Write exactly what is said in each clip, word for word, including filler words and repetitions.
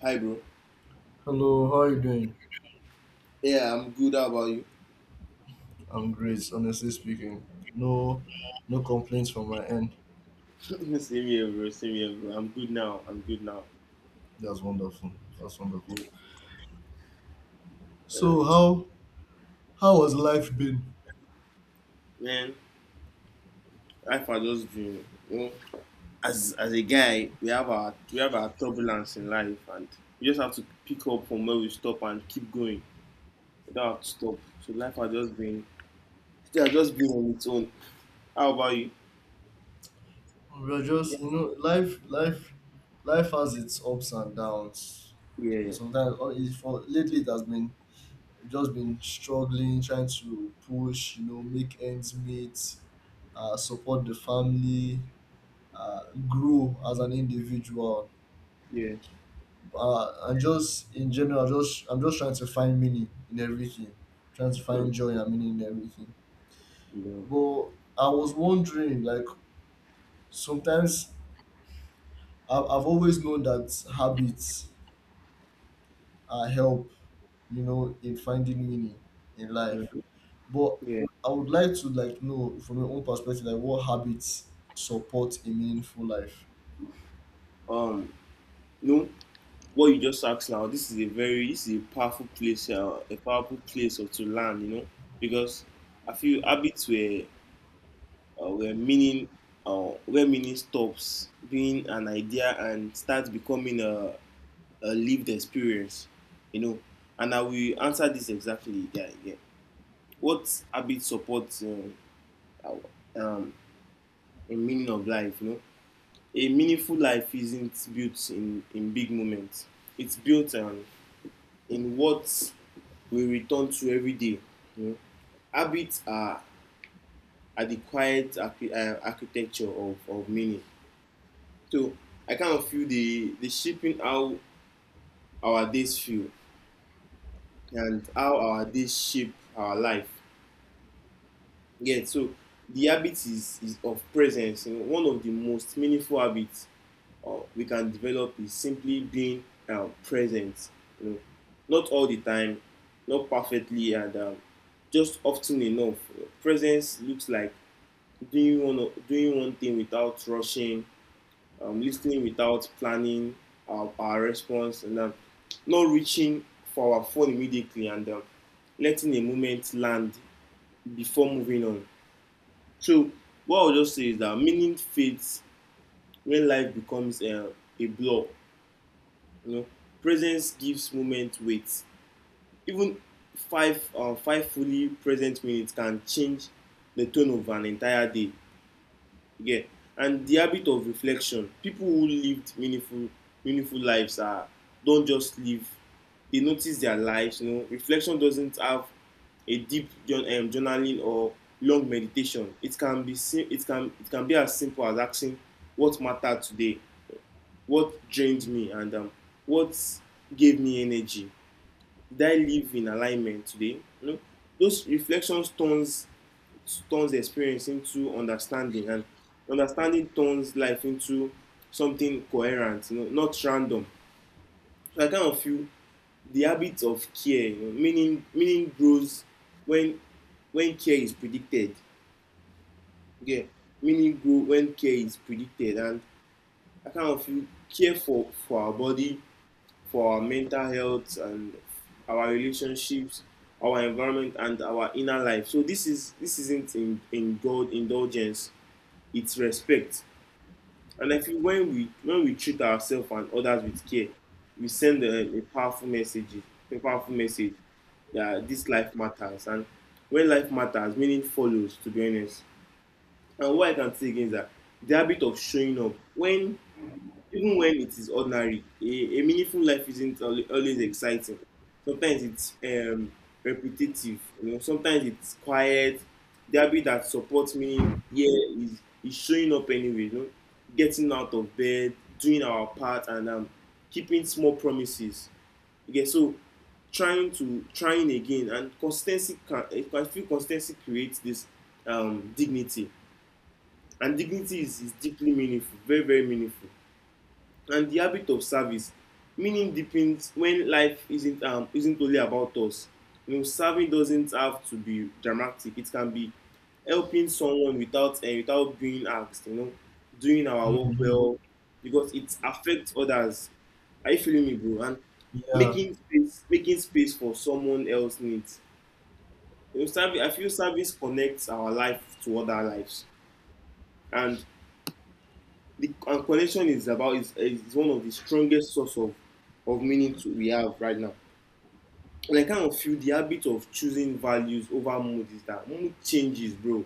Hi, bro. Hello, how are you doing? Yeah, I'm good. How about you? I'm great, honestly speaking. No, no complaints from my end. Same here, bro. Same here, bro. I'm good now. I'm good now. That's wonderful. That's wonderful. Yeah. So how how has life been? Man, life are just doing. You know, as as a guy, we have our we have our turbulence in life, and we just have to pick up from where we stop and keep going. We don't have to stop. So life are just being, they are just being on its own. How about you? We are just you Yeah, know life life life has its ups and downs. yeah, Sometimes or it- for lately it has been just been struggling, trying to push, you know, make ends meet, uh, support the family, uh, grow as an individual, yeah. uh, and just in general, just I'm just trying to find meaning in everything, trying to Hmm. find joy and meaning in everything. Yeah. But I was wondering, like, sometimes I've, I've always known that habits uh, help, you know, in finding meaning in life. Yeah. But Yeah. I would like to like know from your own perspective, like what habits support a meaningful life. Um. No. What you just asked now, this is a very this is a powerful place, uh, a powerful place of to learn, you know, because I feel habits where uh, where meaning uh, where meaning stops being an idea and starts becoming a, a lived experience, you know. And I will answer this exactly. Yeah, yeah. What habit supports um, our- um, a meaning of life? You know, a meaningful life isn't built in in big moments. It's built um, in what we return to every day. You know? Habits are, are the quiet archi- uh, architecture of, of meaning. So I kind of feel the, the shaping how our days feel and how our days shape our life. Yeah, so the habit is, is of presence. You know, one of the most meaningful habits uh, we can develop is simply being uh, present. You know, not all the time, not perfectly, and um, just often enough. Presence looks like doing one doing one thing without rushing, um, listening without planning our, our response, and um, not reaching for our phone immediately, and um, letting a moment land before moving on. So what I'll just say is that meaning fades when life becomes a, a blur. You know, presence gives moment weight. Even five uh, five fully present minutes can change the tone of an entire day. Yeah and the habit of reflection: people who lived meaningful meaningful lives are don't just live, they notice their lives. You know, reflection doesn't have a deep um, journaling or long meditation. It can be sim- it can it can be as simple as asking what mattered today, what drained me, and um, what gave me energy, did I live in alignment today? You know, those reflections turns turns experience into understanding, and understanding turns life into something coherent, you know, not random. So I kind of feel the habit of care. You know, meaning meaning grows when when care is predicted. Yeah, meaning grow when care is predicted. And I kind of feel care for for our body, for our mental health, and our relationships, our environment, and our inner life. So this is this isn't in in god indulgence, it's respect. And I feel when we when we treat ourselves and others with care, we send a, a powerful message, a powerful message, that this life matters. And when life matters, meaning follows, to be honest. And what I can say again is that the habit of showing up when even when it is ordinary, a, a meaningful life isn't al- always exciting. Sometimes it's um, repetitive, you know, sometimes it's quiet. The habit that supports me here is, is showing up anyway, you know, getting out of bed, doing our part, and um, keeping small promises. Okay, so trying to trying again, and consistency can eh, I feel consistency creates this um, dignity. And dignity is, is deeply meaningful, very very meaningful. And the habit of service: meaning deepens when life isn't um, isn't only about us. You know, serving doesn't have to be dramatic. It can be helping someone without and without being asked, you know, doing our work Mhm. well because it affects others. Are you feeling me, bro? And Yeah, making space making space for someone else needs. You know, service, I feel service connects our life to other lives. And the and collection is about is, is one of the strongest source of of meaning to, we have right now. And I kind of feel the habit of choosing values over mood is that mood changes, bro.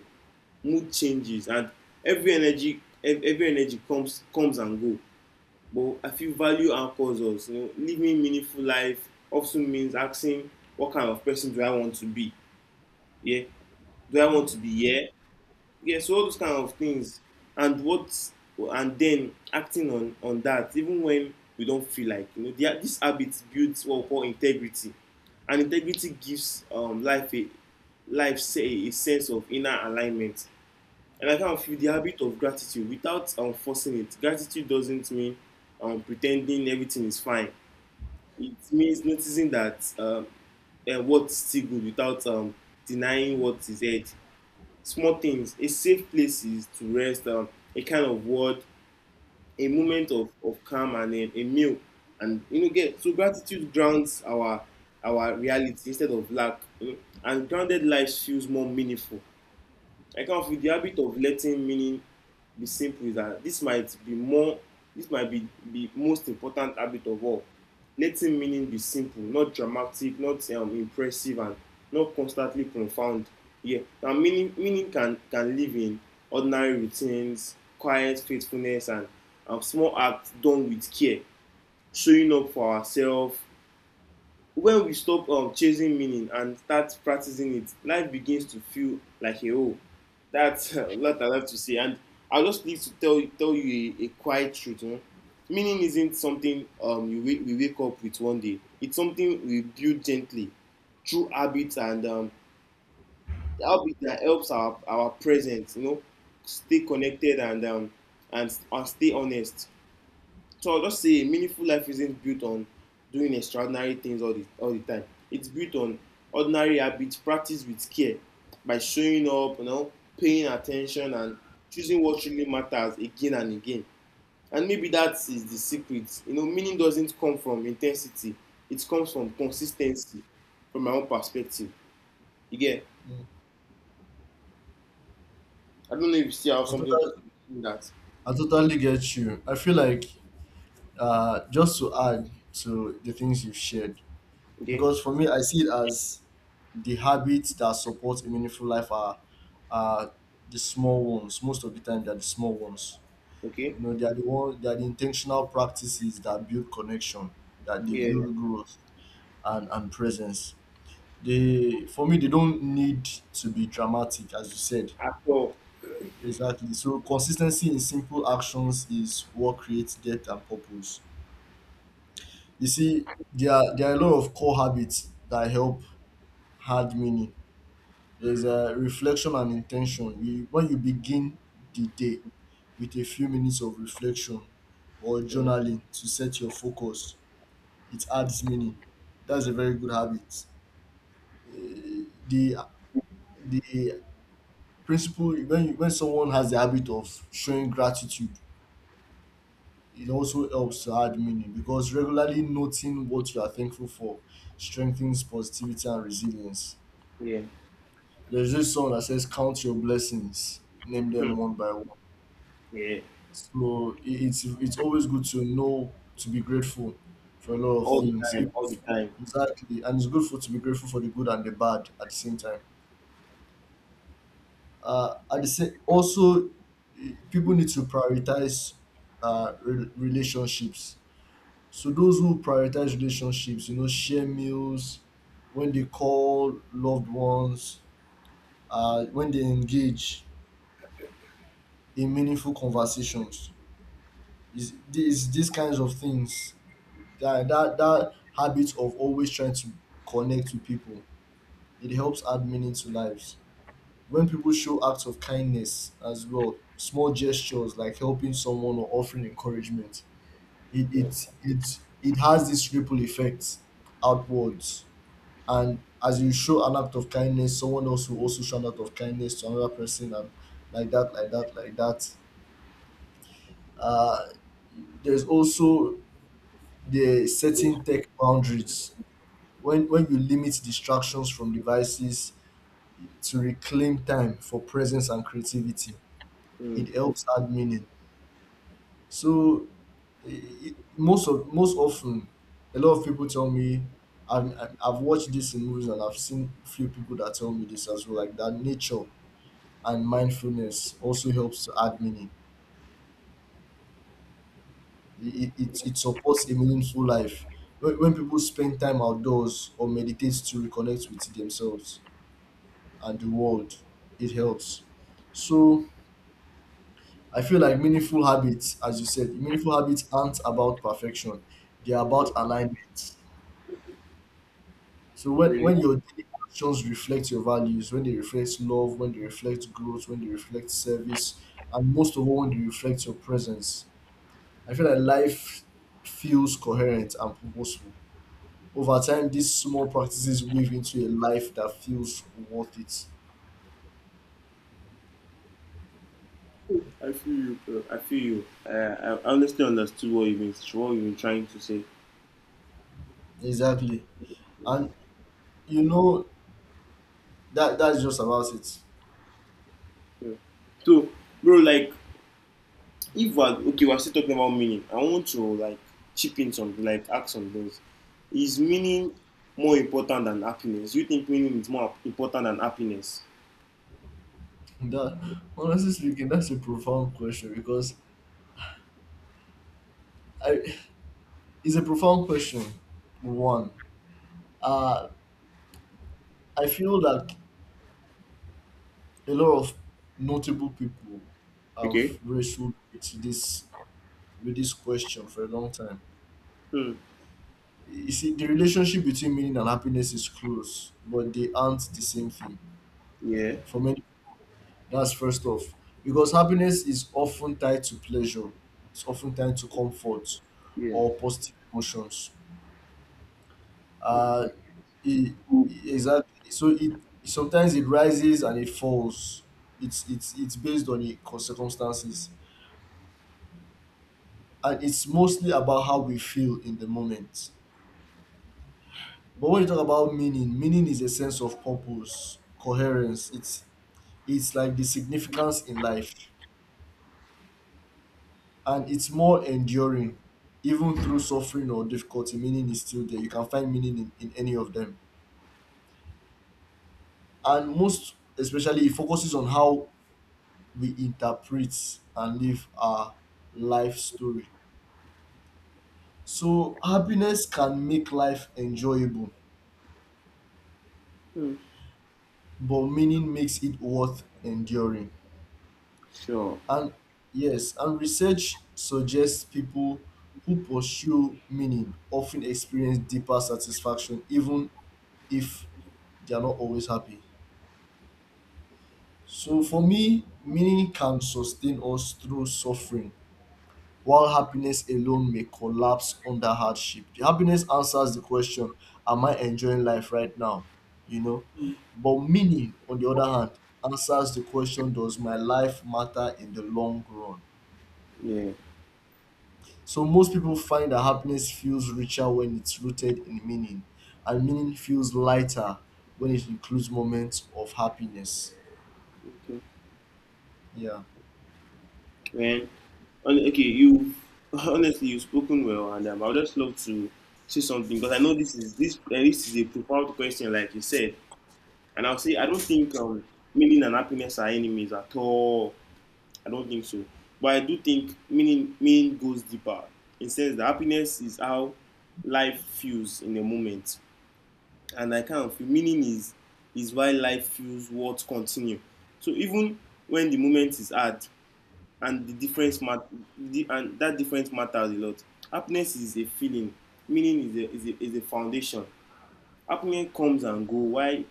Mood changes, and every energy ev- every energy comes comes and go. But I feel value anchors us. You know, living meaningful life often means asking what kind of person do I want to be? Yeah, do I want to be here? Yeah, so all those kind of things, and what, and then acting on on that, even when we don't feel like, you know, the, this habit builds what we call integrity. And integrity gives um, life a life say a sense of inner alignment. And I kind of feel the habit of gratitude without um, forcing it. Gratitude doesn't mean um, pretending everything is fine. It means noticing that um, uh, what's still good without um, denying what is ahead: small things, a safe place is to rest, um, a kind of word, a moment of, of calm and a, a meal. And you know, get so gratitude grounds our our reality instead of lack. You know, and grounded life feels more meaningful. I come with the habit of letting meaning be simple, is that this might be more this might be the most important habit of all. Letting meaning be simple, not dramatic, not um, impressive, and not constantly profound. Yeah, now meaning meaning can can live in ordinary routines, quiet faithfulness, and um, small acts done with care, showing up for ourselves. When we stop um, chasing meaning and start practicing it, life begins to feel like a whole. That's a lot I love to say. And I just need to tell tell you a, a quiet truth, huh? Meaning isn't something um, you wake, we wake up with one day, it's something we build gently through habits, and um, the habit that helps our our present, you know, stay connected, and um, and, and stay honest. So I'll just say a meaningful life isn't built on doing extraordinary things all the all the time. It's built on ordinary habits practiced with care, by showing up, you know, paying attention, and choosing what really matters again and again. And maybe that is the secret. You know, meaning doesn't come from intensity. It comes from consistency, from my own perspective. You get? mm, I don't know if you see how I, something to totally do that. I totally get you. I feel like, uh, just to add to the things you've shared, Okay? because for me, I see it as the habits that support a meaningful life are, are the small ones. Most of the time, they're the small ones. Okay? You know, they are the one, they are the intentional practices that build connection, that they Yeah. build growth and, and presence. They, for me, they don't need to be dramatic, as you said. After all. Exactly. So consistency in simple actions is what creates depth and purpose. You see, there are, there are a lot of core habits that help hard meaning. There's a reflection and intention. You, when you begin the day with a few minutes of reflection or Yeah. journaling to set your focus, it adds meaning. That's a very good habit. Eh, The the principle, when you, when someone has the habit of showing gratitude, it also helps to add meaning, because regularly noting what you are thankful for strengthens positivity and resilience. Yeah. There's this song that says, "Count your blessings, name Hmm. them one by one." Yeah. So i- it's it's always good to know to be grateful for a lot of All the things. time, If, all the time. exactly, and it's good for to be grateful for the good and the bad at the same time. Uh, at the same, also, i- people need to prioritize uh, re- relationships. So those who prioritize relationships, you know, share meals, when they call loved ones, uh, when they engage in meaningful conversations. It's, it's these kinds of things that, that that habit of always trying to connect with people, it helps add meaning to lives. When people show acts of kindness as well, small gestures like helping someone or offering encouragement, it Yeah. it it, it has this ripple effect outwards, and as you show an act of kindness, someone else will also show an act of kindness to another person, and like that like that like that, uh, there's also the Mm, setting tech boundaries. When when you limit distractions from devices to reclaim time for presence and creativity, mm, it helps add meaning. So, eh, most of most often a lot of people tell me, I've, I've I've watched this in movies, and I've seen few people that tell me this as well, like that nature and mindfulness also helps to add meaning. It, it, it supports a meaningful life. When, when people spend time outdoors or meditate to reconnect with themselves and the world, it helps. So I feel like meaningful habits, as you said, meaningful habits aren't about perfection, they are about mm. alignment. So when, Really, When your daily actions reflect your values, when they reflect love, when they reflect growth, when they reflect service, and most of all, when they reflect your presence, I feel like life feels coherent and purposeful. Over time, these small practices weave into a life that feels worth it. I feel you, bro. I feel you. I, I honestly understood what you mean, what you been trying to say. Exactly. And you know, that that's just about it. Yeah. So, bro, like, if we're okay, we're still talking about meaning. I want to like chip in something, like ask some things. Is meaning more important than happiness? You think meaning is more important than happiness? That, honestly speaking, that's a profound question, because I it's a profound question. One. Uh I feel that a lot of notable people have Okay. wrestled with this, with this question for a long time. Mm. You see, the relationship between meaning and happiness is close, but they aren't the same thing. Yeah. For many. That's first off. Because happiness is often tied to pleasure, it's often tied to comfort Yeah. or positive emotions. Uh, it, Mm. exactly. So it Sometimes it rises and it falls. It's it's it's based on the cir- circumstances, and it's mostly about how we feel in the moment. But when you talk about meaning, meaning is a sense of purpose, coherence. It's it's like the significance in life, and it's more enduring. Even through suffering or difficulty, meaning is still there. You can find meaning in, in any of them, and most especially it focuses on how we interpret and live our life story. So happiness can make life enjoyable, Mm. but meaning makes it worth enduring. Sure. And yes, and research suggests people who pursue meaning often experience deeper satisfaction, even if they are not always happy. So for me, meaning can sustain us through suffering, while happiness alone may collapse under hardship. The happiness answers the question, am I enjoying life right now? You know? But meaning, on the other hand, answers the question, does my life matter in the long run? Yeah. So most people find that happiness feels richer when it's rooted in meaning, and meaning feels lighter when it includes moments of happiness. Okay. Yeah. Well, hon- okay, you honestly you've spoken well, and um, I would just love to say something because I know this is this uh, this is a profound question, like you said, and I'll say I don't think um, meaning and happiness are enemies at all. I don't think so, but I do think meaning meaning goes deeper. It says that happiness is how life feels in a moment, and I kind of feel meaning is is why life feels worth continue. So even when the moment is hard, and the difference mat- the, and that difference matters a lot. Happiness is a feeling, meaning is a, is a, is a foundation. Happiness comes and go while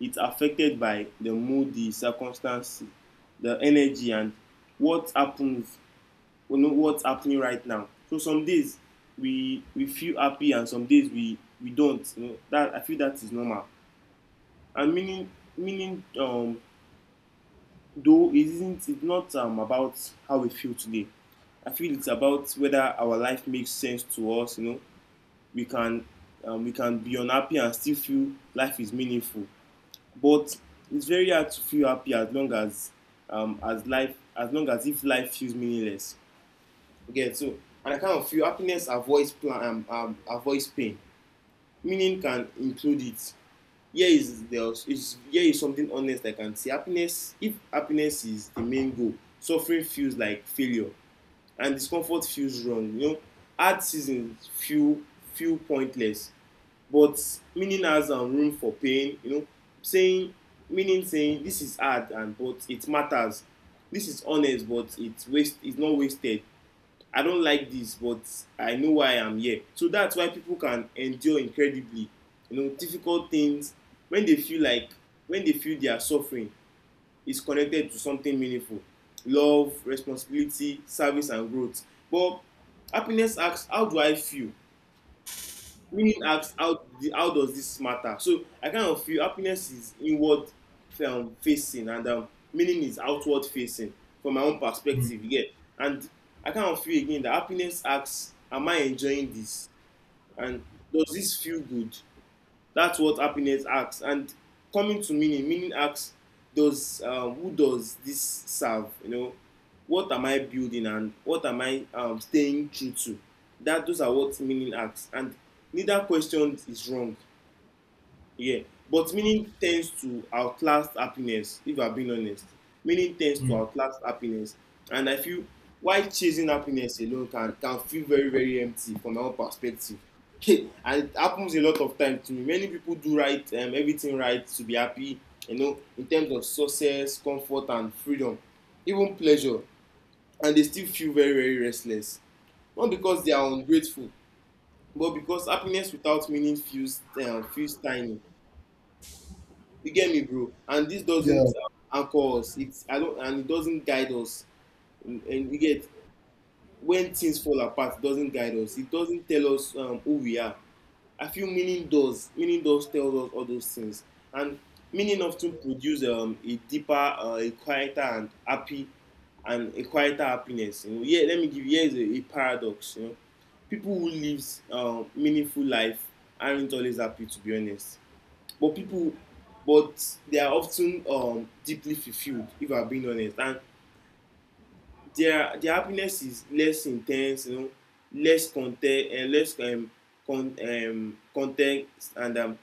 it's affected by the mood, the circumstance, the energy, and what happens, you know, what's happening right now. So some days we we feel happy and some days we we don't. You know, that I feel that is normal. And meaning meaning um though it isn't it's not um, about how we feel today, I feel it's about whether our life makes sense to us. You know, we can um, we can be unhappy and still feel life is meaningful, but it's very hard to feel happy as long as um, as life as long as if life feels meaningless. Okay, so, and I kind of feel happiness avoids plan um, um, avoids pain, meaning can include it. Here is the is here is something honest I can see. Happiness, if happiness is the main goal, suffering feels like failure, and discomfort feels wrong, you know, hard seasons feel feel pointless. But meaning has um, room for pain. You know, saying meaning saying this is hard and but it matters, this is honest but it's waste it's not wasted. I don't like this, but I know why I'm here. So that's why people can endure incredibly, you know, difficult things when they feel like when they feel their suffering is connected to something meaningful: love, responsibility, service, and growth. But happiness asks, how do I feel? Meaning asks how how does this matter? So I kind of feel happiness is inward um, facing, and um, meaning is outward facing from my own Mm, perspective. Yeah. And I kind of feel again that happiness asks, am I enjoying this and does this feel good? That's what happiness asks. And coming to meaning, meaning asks, does uh, who does this serve? You know, what am I building and what am I um, staying true to? That those are what meaning asks. And neither question is wrong. Yeah, but meaning tends to outlast happiness, if I'm being honest. Meaning tends to mm. outlast happiness. And I feel why chasing happiness alone can, can feel very, very empty from my own perspective. And it happens a lot of times to me. Many people do right, um, everything right to be happy, you know, in terms of success, comfort, and freedom, even pleasure. And they still feel very, very restless. Not because they are ungrateful, but because happiness without meaning feels, um, feels tiny. You get me, bro? And this Yeah. doesn't um, anchor us. It's I don't and it doesn't guide us. And, and you get when things fall apart, it doesn't guide us. It doesn't tell us um, who we are. I feel meaning does. Meaning does tell us all those things. And meaning often produce um, a deeper, uh, a quieter and happy and a quieter happiness. You know, yeah, let me give you, here's a, a paradox. You know, people who lives um, meaningful life aren't always happy, to be honest. But people but they are often um, deeply fulfilled, if I'm being honest. And their their happiness is less intense, you know, less content, and uh, less um, con um, context, and um,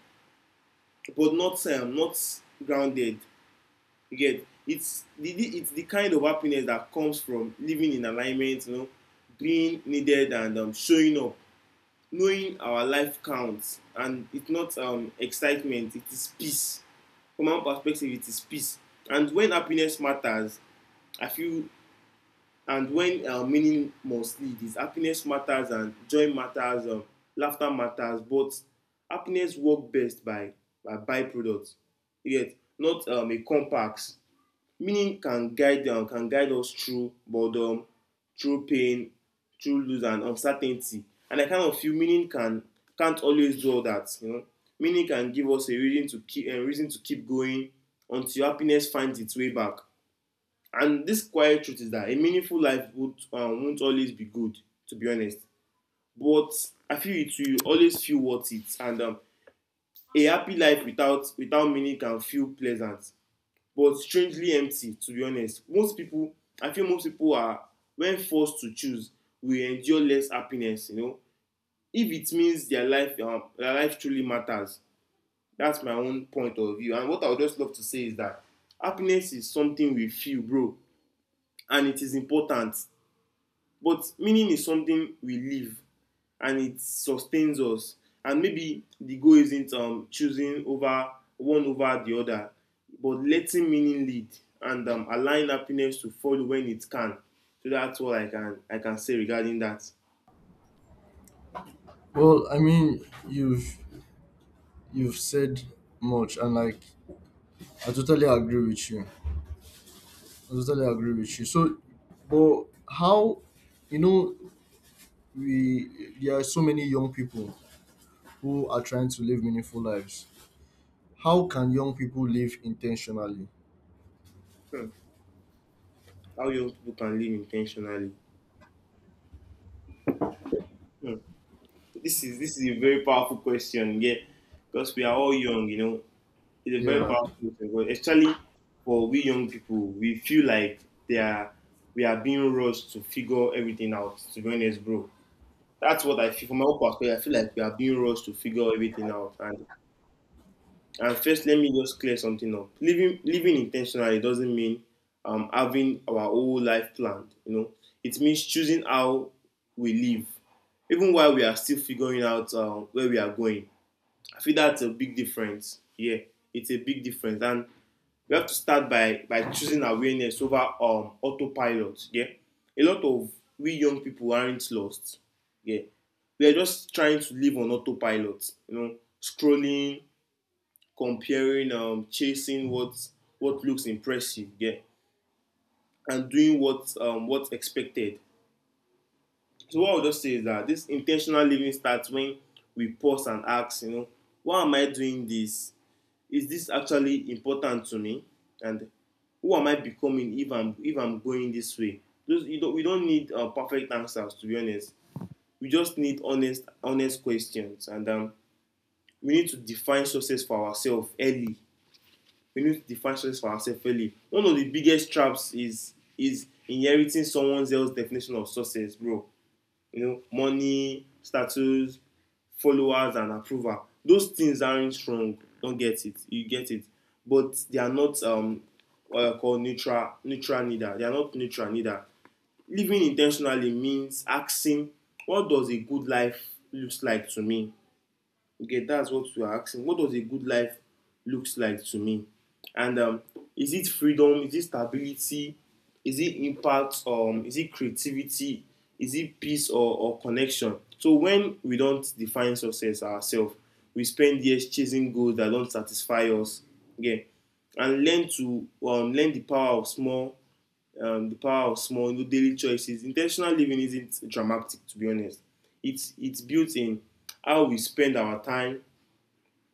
but not um, not grounded. You get, it's the it's the kind of happiness that comes from living in alignment, you know, being needed and um, showing up, knowing our life counts. And it's not um, excitement, it is peace. From our perspective, it is peace. And when happiness matters i feel and when uh, meaning must lead. Is Happiness matters and joy matters, um, laughter matters, but happiness work best by by byproduct, yet not um, a complex. Meaning can guide, um, can guide us through boredom, through pain, through lose and uncertainty. And I kind of feel meaning can can't always do all that. You know, meaning can give us a reason to keep a reason to keep going until happiness finds its way back. And this quiet truth is that a meaningful life would, um, won't always be good, to be honest. But I feel it will always feel worth it. And um, a happy life without without meaning can feel pleasant but strangely empty, to be honest. Most people i feel most people are, when forced to choose, will endure less happiness, you know, if it means their life um, their life truly matters. That's my own point of view. And what I would just love to say is that happiness is something we feel, bro, and it is important. But meaning is something we live, and it sustains us. And maybe the goal isn't um, choosing over one over the other, but letting meaning lead and um, allowing happiness to follow when it can. So that's all I can I can say regarding that. Well, I mean, you've you've said much, and like, I totally agree with you. I totally agree with you. So, but how, you know, we there are so many young people who are trying to live meaningful lives. How can young people live intentionally? Hmm. How young people can live intentionally. Hmm. This is this is a very powerful question, yeah, because we are all young, you know, it's a very Yeah. powerful thing. But especially for we young people, we feel like they are we are being rushed to figure everything out. To be honest, bro, that's what I feel from my own perspective. I feel like we are being rushed to figure everything out. And and first, let me just clear something up. Living living intentionally doesn't mean um having our whole life planned. You know, it means choosing how we live, even while we are still figuring out um, where we are going. I feel that's a big difference. Yeah, it's a big difference. And we have to start by by choosing awareness over um autopilot. Yeah, a lot of we young people aren't lost. Yeah, we are just trying to live on autopilot, you know, scrolling, comparing, um chasing what what looks impressive, yeah, and doing what um what's expected. So what I'll just say is that this intentional living starts when we pause and ask, you know, why am I doing this? Is this actually important to me? And who am I becoming if i'm if I'm going this way? Those, you don't we don't need uh, perfect answers, to be honest. We just need honest honest questions. And um, we need to define success for ourselves early. We need to define success for ourselves early One of the biggest traps is is inheriting someone else's definition of success, bro. You know, money, status, followers, and approval. Those things aren't wrong. Don't get it. You get it. But they are not um what I call neutral neutral neither. They are not neutral neither. Living intentionally means asking, what does a good life looks like to me? Okay, that's what we are asking. What does a good life looks like to me? And um, is it freedom? Is it stability? Is it impact? Um, is it creativity? Is it peace, or, or connection? So when we don't define success ourselves, we spend years chasing goals that don't satisfy us. Okay, and learn to um, learn the power of small, um, the power of small you know, daily choices. Intentional living isn't dramatic, to be honest. It's it's built in how we spend our time,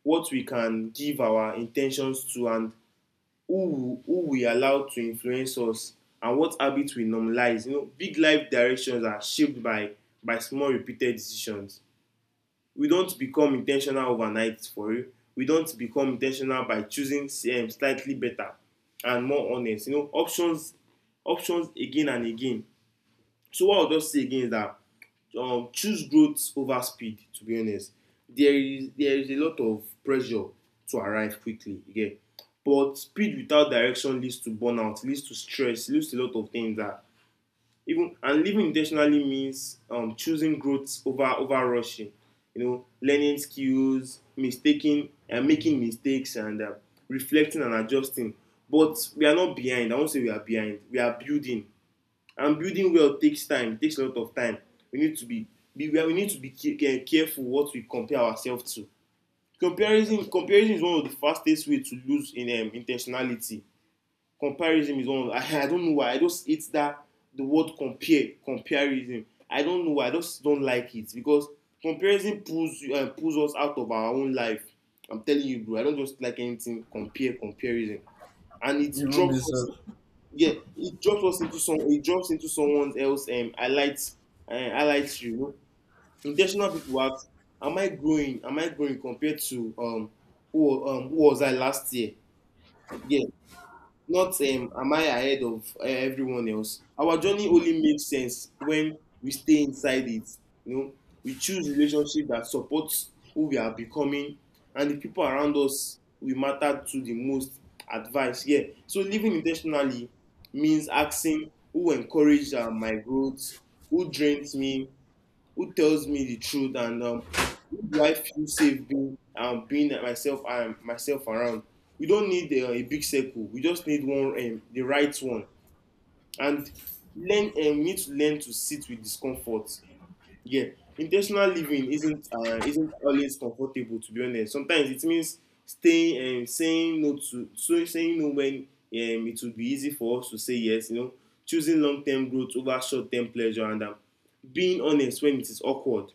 what we can give our intentions to, and who who we allow to influence us, and what habits we normalize. You know, big life directions are shaped by by small repeated decisions. We don't become intentional overnight, for real. We don't become intentional by choosing um, slightly better and more honest, you know, options, options again and again. So what I'll just say again is that, um, choose growth over speed. To be honest, there is there is a lot of pressure to arrive quickly. Again, but speed without direction leads to burnout, leads to stress, leads to a lot of things that, even, and living intentionally means um, choosing growth over over rushing. You know, learning skills, mistaking and uh, making mistakes, and uh, reflecting and adjusting. But we are not behind. I won't say we are behind. We are building, and building well takes time, takes a lot of time we need to be be we need to be careful what we compare ourselves to. Comparison comparison is one of the fastest ways to lose in um, intentionality. Comparison is one of, I, I don't know why I just hate that, the word compare comparison. I don't know why I just don't like it, because comparison pulls uh, pulls us out of our own life. I'm telling you, bro, I don't just like anything compare comparison. And it Even drops us, myself. yeah, it drops us into some it drops into someone else um highlights, uh, highlights you you know. Intentional people ask, am i growing am I growing compared to um who um who was I last year? Yeah. Not, um, am I ahead of uh, everyone else? Our journey only makes sense when we stay inside it. You know, we choose relationship that supports who we are becoming, and the people around us we matter to the most. Advice, yeah. So living intentionally means asking, who encouraged uh, my growth, who drains me, who tells me the truth, and um, who do I feel safe being um, being myself and myself around? We don't need uh, a big circle. We just need one, um, the right one. And learn um, we need to learn to sit with discomfort. Yeah, intentional living isn't uh, isn't always comfortable, to be honest. Sometimes it means staying um, saying no to so saying no when um, it would be easy for us to say yes. You know, choosing long term growth over short term pleasure, and um, being honest when it is awkward.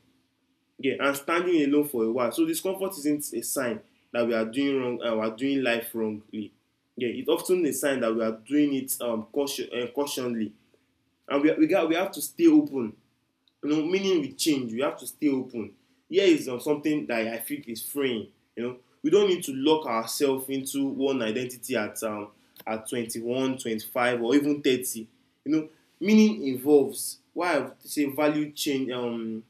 Yeah, and standing alone for a while. So discomfort isn't a sign that we are doing wrong and we are doing life wrongly. Yeah, it's often a sign that we are doing it um caution, uh, cautionly. And we we got we have to stay open. You know, meaning we change. We have to stay open. Here is, um, something that I feel is freeing. You know, we don't need to lock ourselves into one identity at um at twenty-one, twenty-five, or even thirty. You know, meaning involves. Why I say value change, um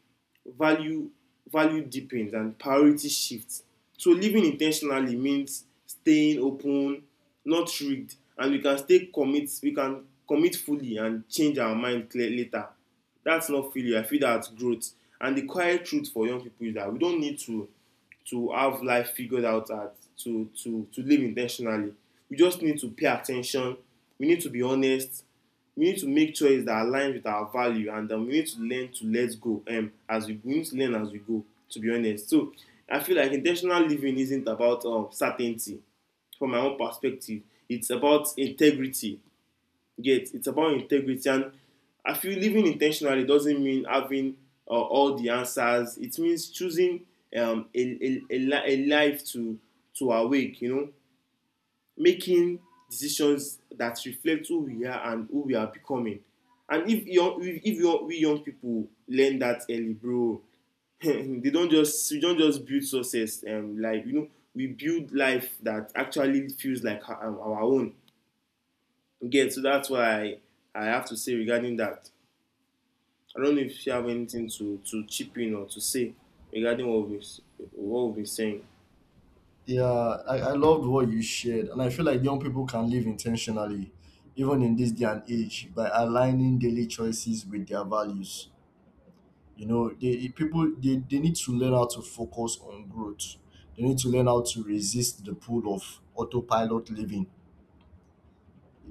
value value deepens and priority shifts. So living intentionally means staying open, not rigged. And we can stay commit we can commit fully and change our mind clear later. That's not failure. I feel that's growth. And the quiet truth for young people is that we don't need to to have life figured out at to to to live intentionally. We just need to pay attention. We need to be honest. We need to make choices that align with our value. And um, we need to learn to let go um, as we, we need to learn as we go, to be honest. So I feel like intentional living isn't about, um, certainty, from my own perspective. It's about integrity. Yet It's about integrity. And I feel living intentionally doesn't mean having uh, all the answers. It means choosing, um, a, a, a life to to awake, you know, making decisions that reflect who we are and who we are becoming. And if young, if, if young, we young people learn that early, bro, they don't just we don't just build success. Um, like, you know, we build life that actually feels like our, um, our own. Again, so that's why I, I have to say regarding that. I don't know if you have anything to to chip in or to say regarding what we've what we've been saying. Yeah, I, I loved what you shared, and I feel like young people can live intentionally, even in this day and age, by aligning daily choices with their values. You know, they people, they, they need to learn how to focus on growth. They need to learn how to resist the pull of autopilot living.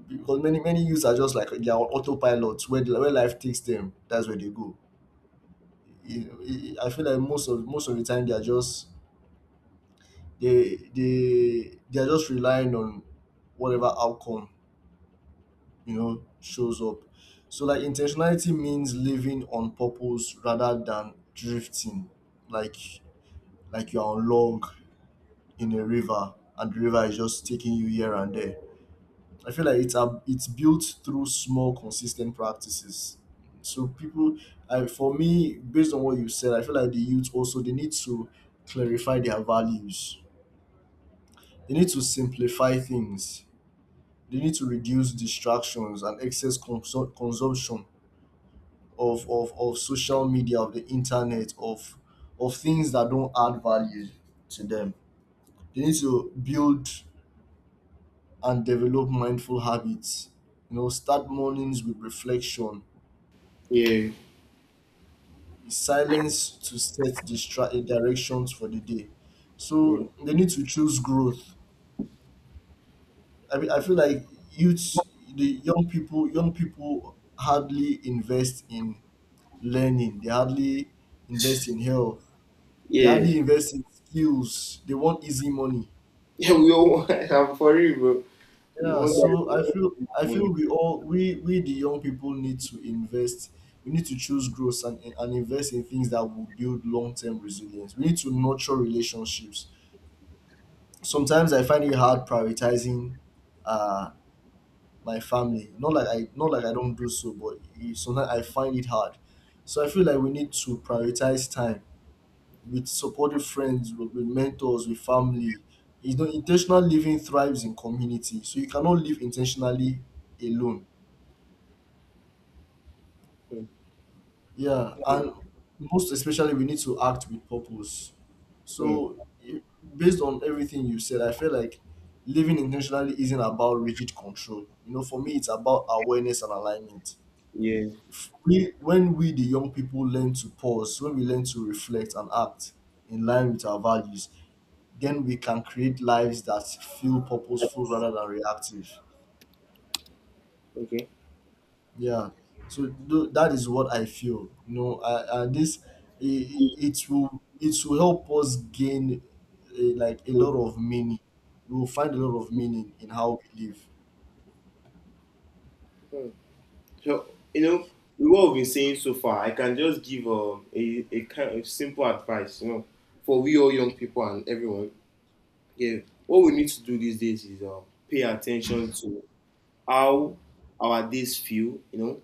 Because many many youths are just like they are autopilots, where the- where life takes them, that's where they go. You know, I I feel like most of most of the time they are just they they they're just relying on whatever outcome, you know, shows up. So like intentionality means living on purpose rather than drifting, like like you're on log in a river and the river is just taking you here and there. I feel like it's a, it's built through small consistent practices. So people, I, for me, based on what you said, I feel like the youth also, they need to clarify their values, they need to simplify things. They need to reduce distractions and excess consum- consumption of, of, of social media, of the internet, of of things that don't add value to them. They need to build and develop mindful habits. You know, start mornings with reflection, Yeah. silence, to set distra- eh, directions for the day. Yeah. So they need to choose growth. I mean, I feel like youth, the young people, young people hardly invest in learning. They hardly invest in health. They Yeah. hardly invest in skills. They want easy money. Yeah, we all want. I'm for real, bro. We Yeah, want that. so I feel We I want feel that. we all, we we the young people need to invest. We need to choose growth and, and invest in things that will build long term resilience. We need to nurture relationships. Sometimes I find it hard prioritizing uh my family. Not like I not like I don't do so, but it- sometimes I find it hard. So I feel like we need to prioritize time with supportive friends, with, with mentors, with family. You know, intentional living thrives in community. So you cannot live intentionally alone. Mm, Yeah, mm, and most especially, we need to act with purpose. mm. So, i- based on everything you said, I feel like living intentionally isn't about rigid control. You know, for me, it's about awareness and alignment. Yeah. If we, When we, the young people, learn to pause, when we learn to reflect and act in line with our values, then we can create lives that feel purposeful rather than reactive. Okay. Yeah. So tho- that is what I feel. You know, I, I this, it, it will it will help us gain a, like, a lot of meaning. We will find a lot of meaning in how we live. Mm. So, you know, with what we've been saying so far, I can just give, um, a a kind of simple advice, you know, for we all young people and everyone. Yeah, what we need to do these days is, um, pay attention to how our days feel, you know,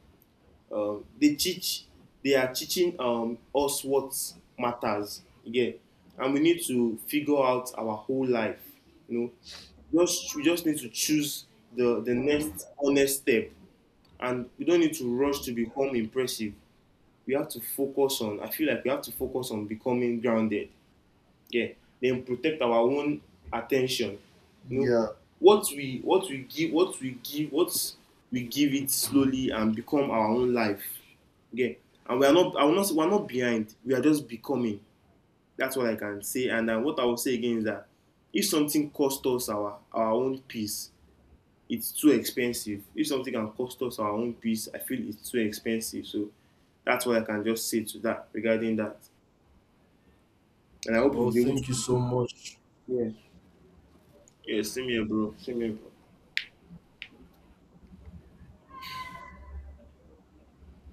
uh, they teach they are teaching um, us what matters again. And we need to figure out our whole life, you know. Just We just need to choose the the next honest step. And we don't need to rush to become impressive. We have to focus on, I feel like we have to focus on becoming grounded. Yeah, then protect our own attention, you know, Yeah. what we what we give what we give what we give it slowly and become our own life. Yeah. And we are not, I will not we are not behind, we are just becoming. That's what I can say. And uh, what I will say again is that if something costs us our our own peace, it's too expensive. If something can cost us our own peace, I feel it's too expensive. So that's what I can just say to that, regarding that. And I hope we'll Well, be able to. thank you so much. Yeah. Yeah, same here, bro. Same here, bro.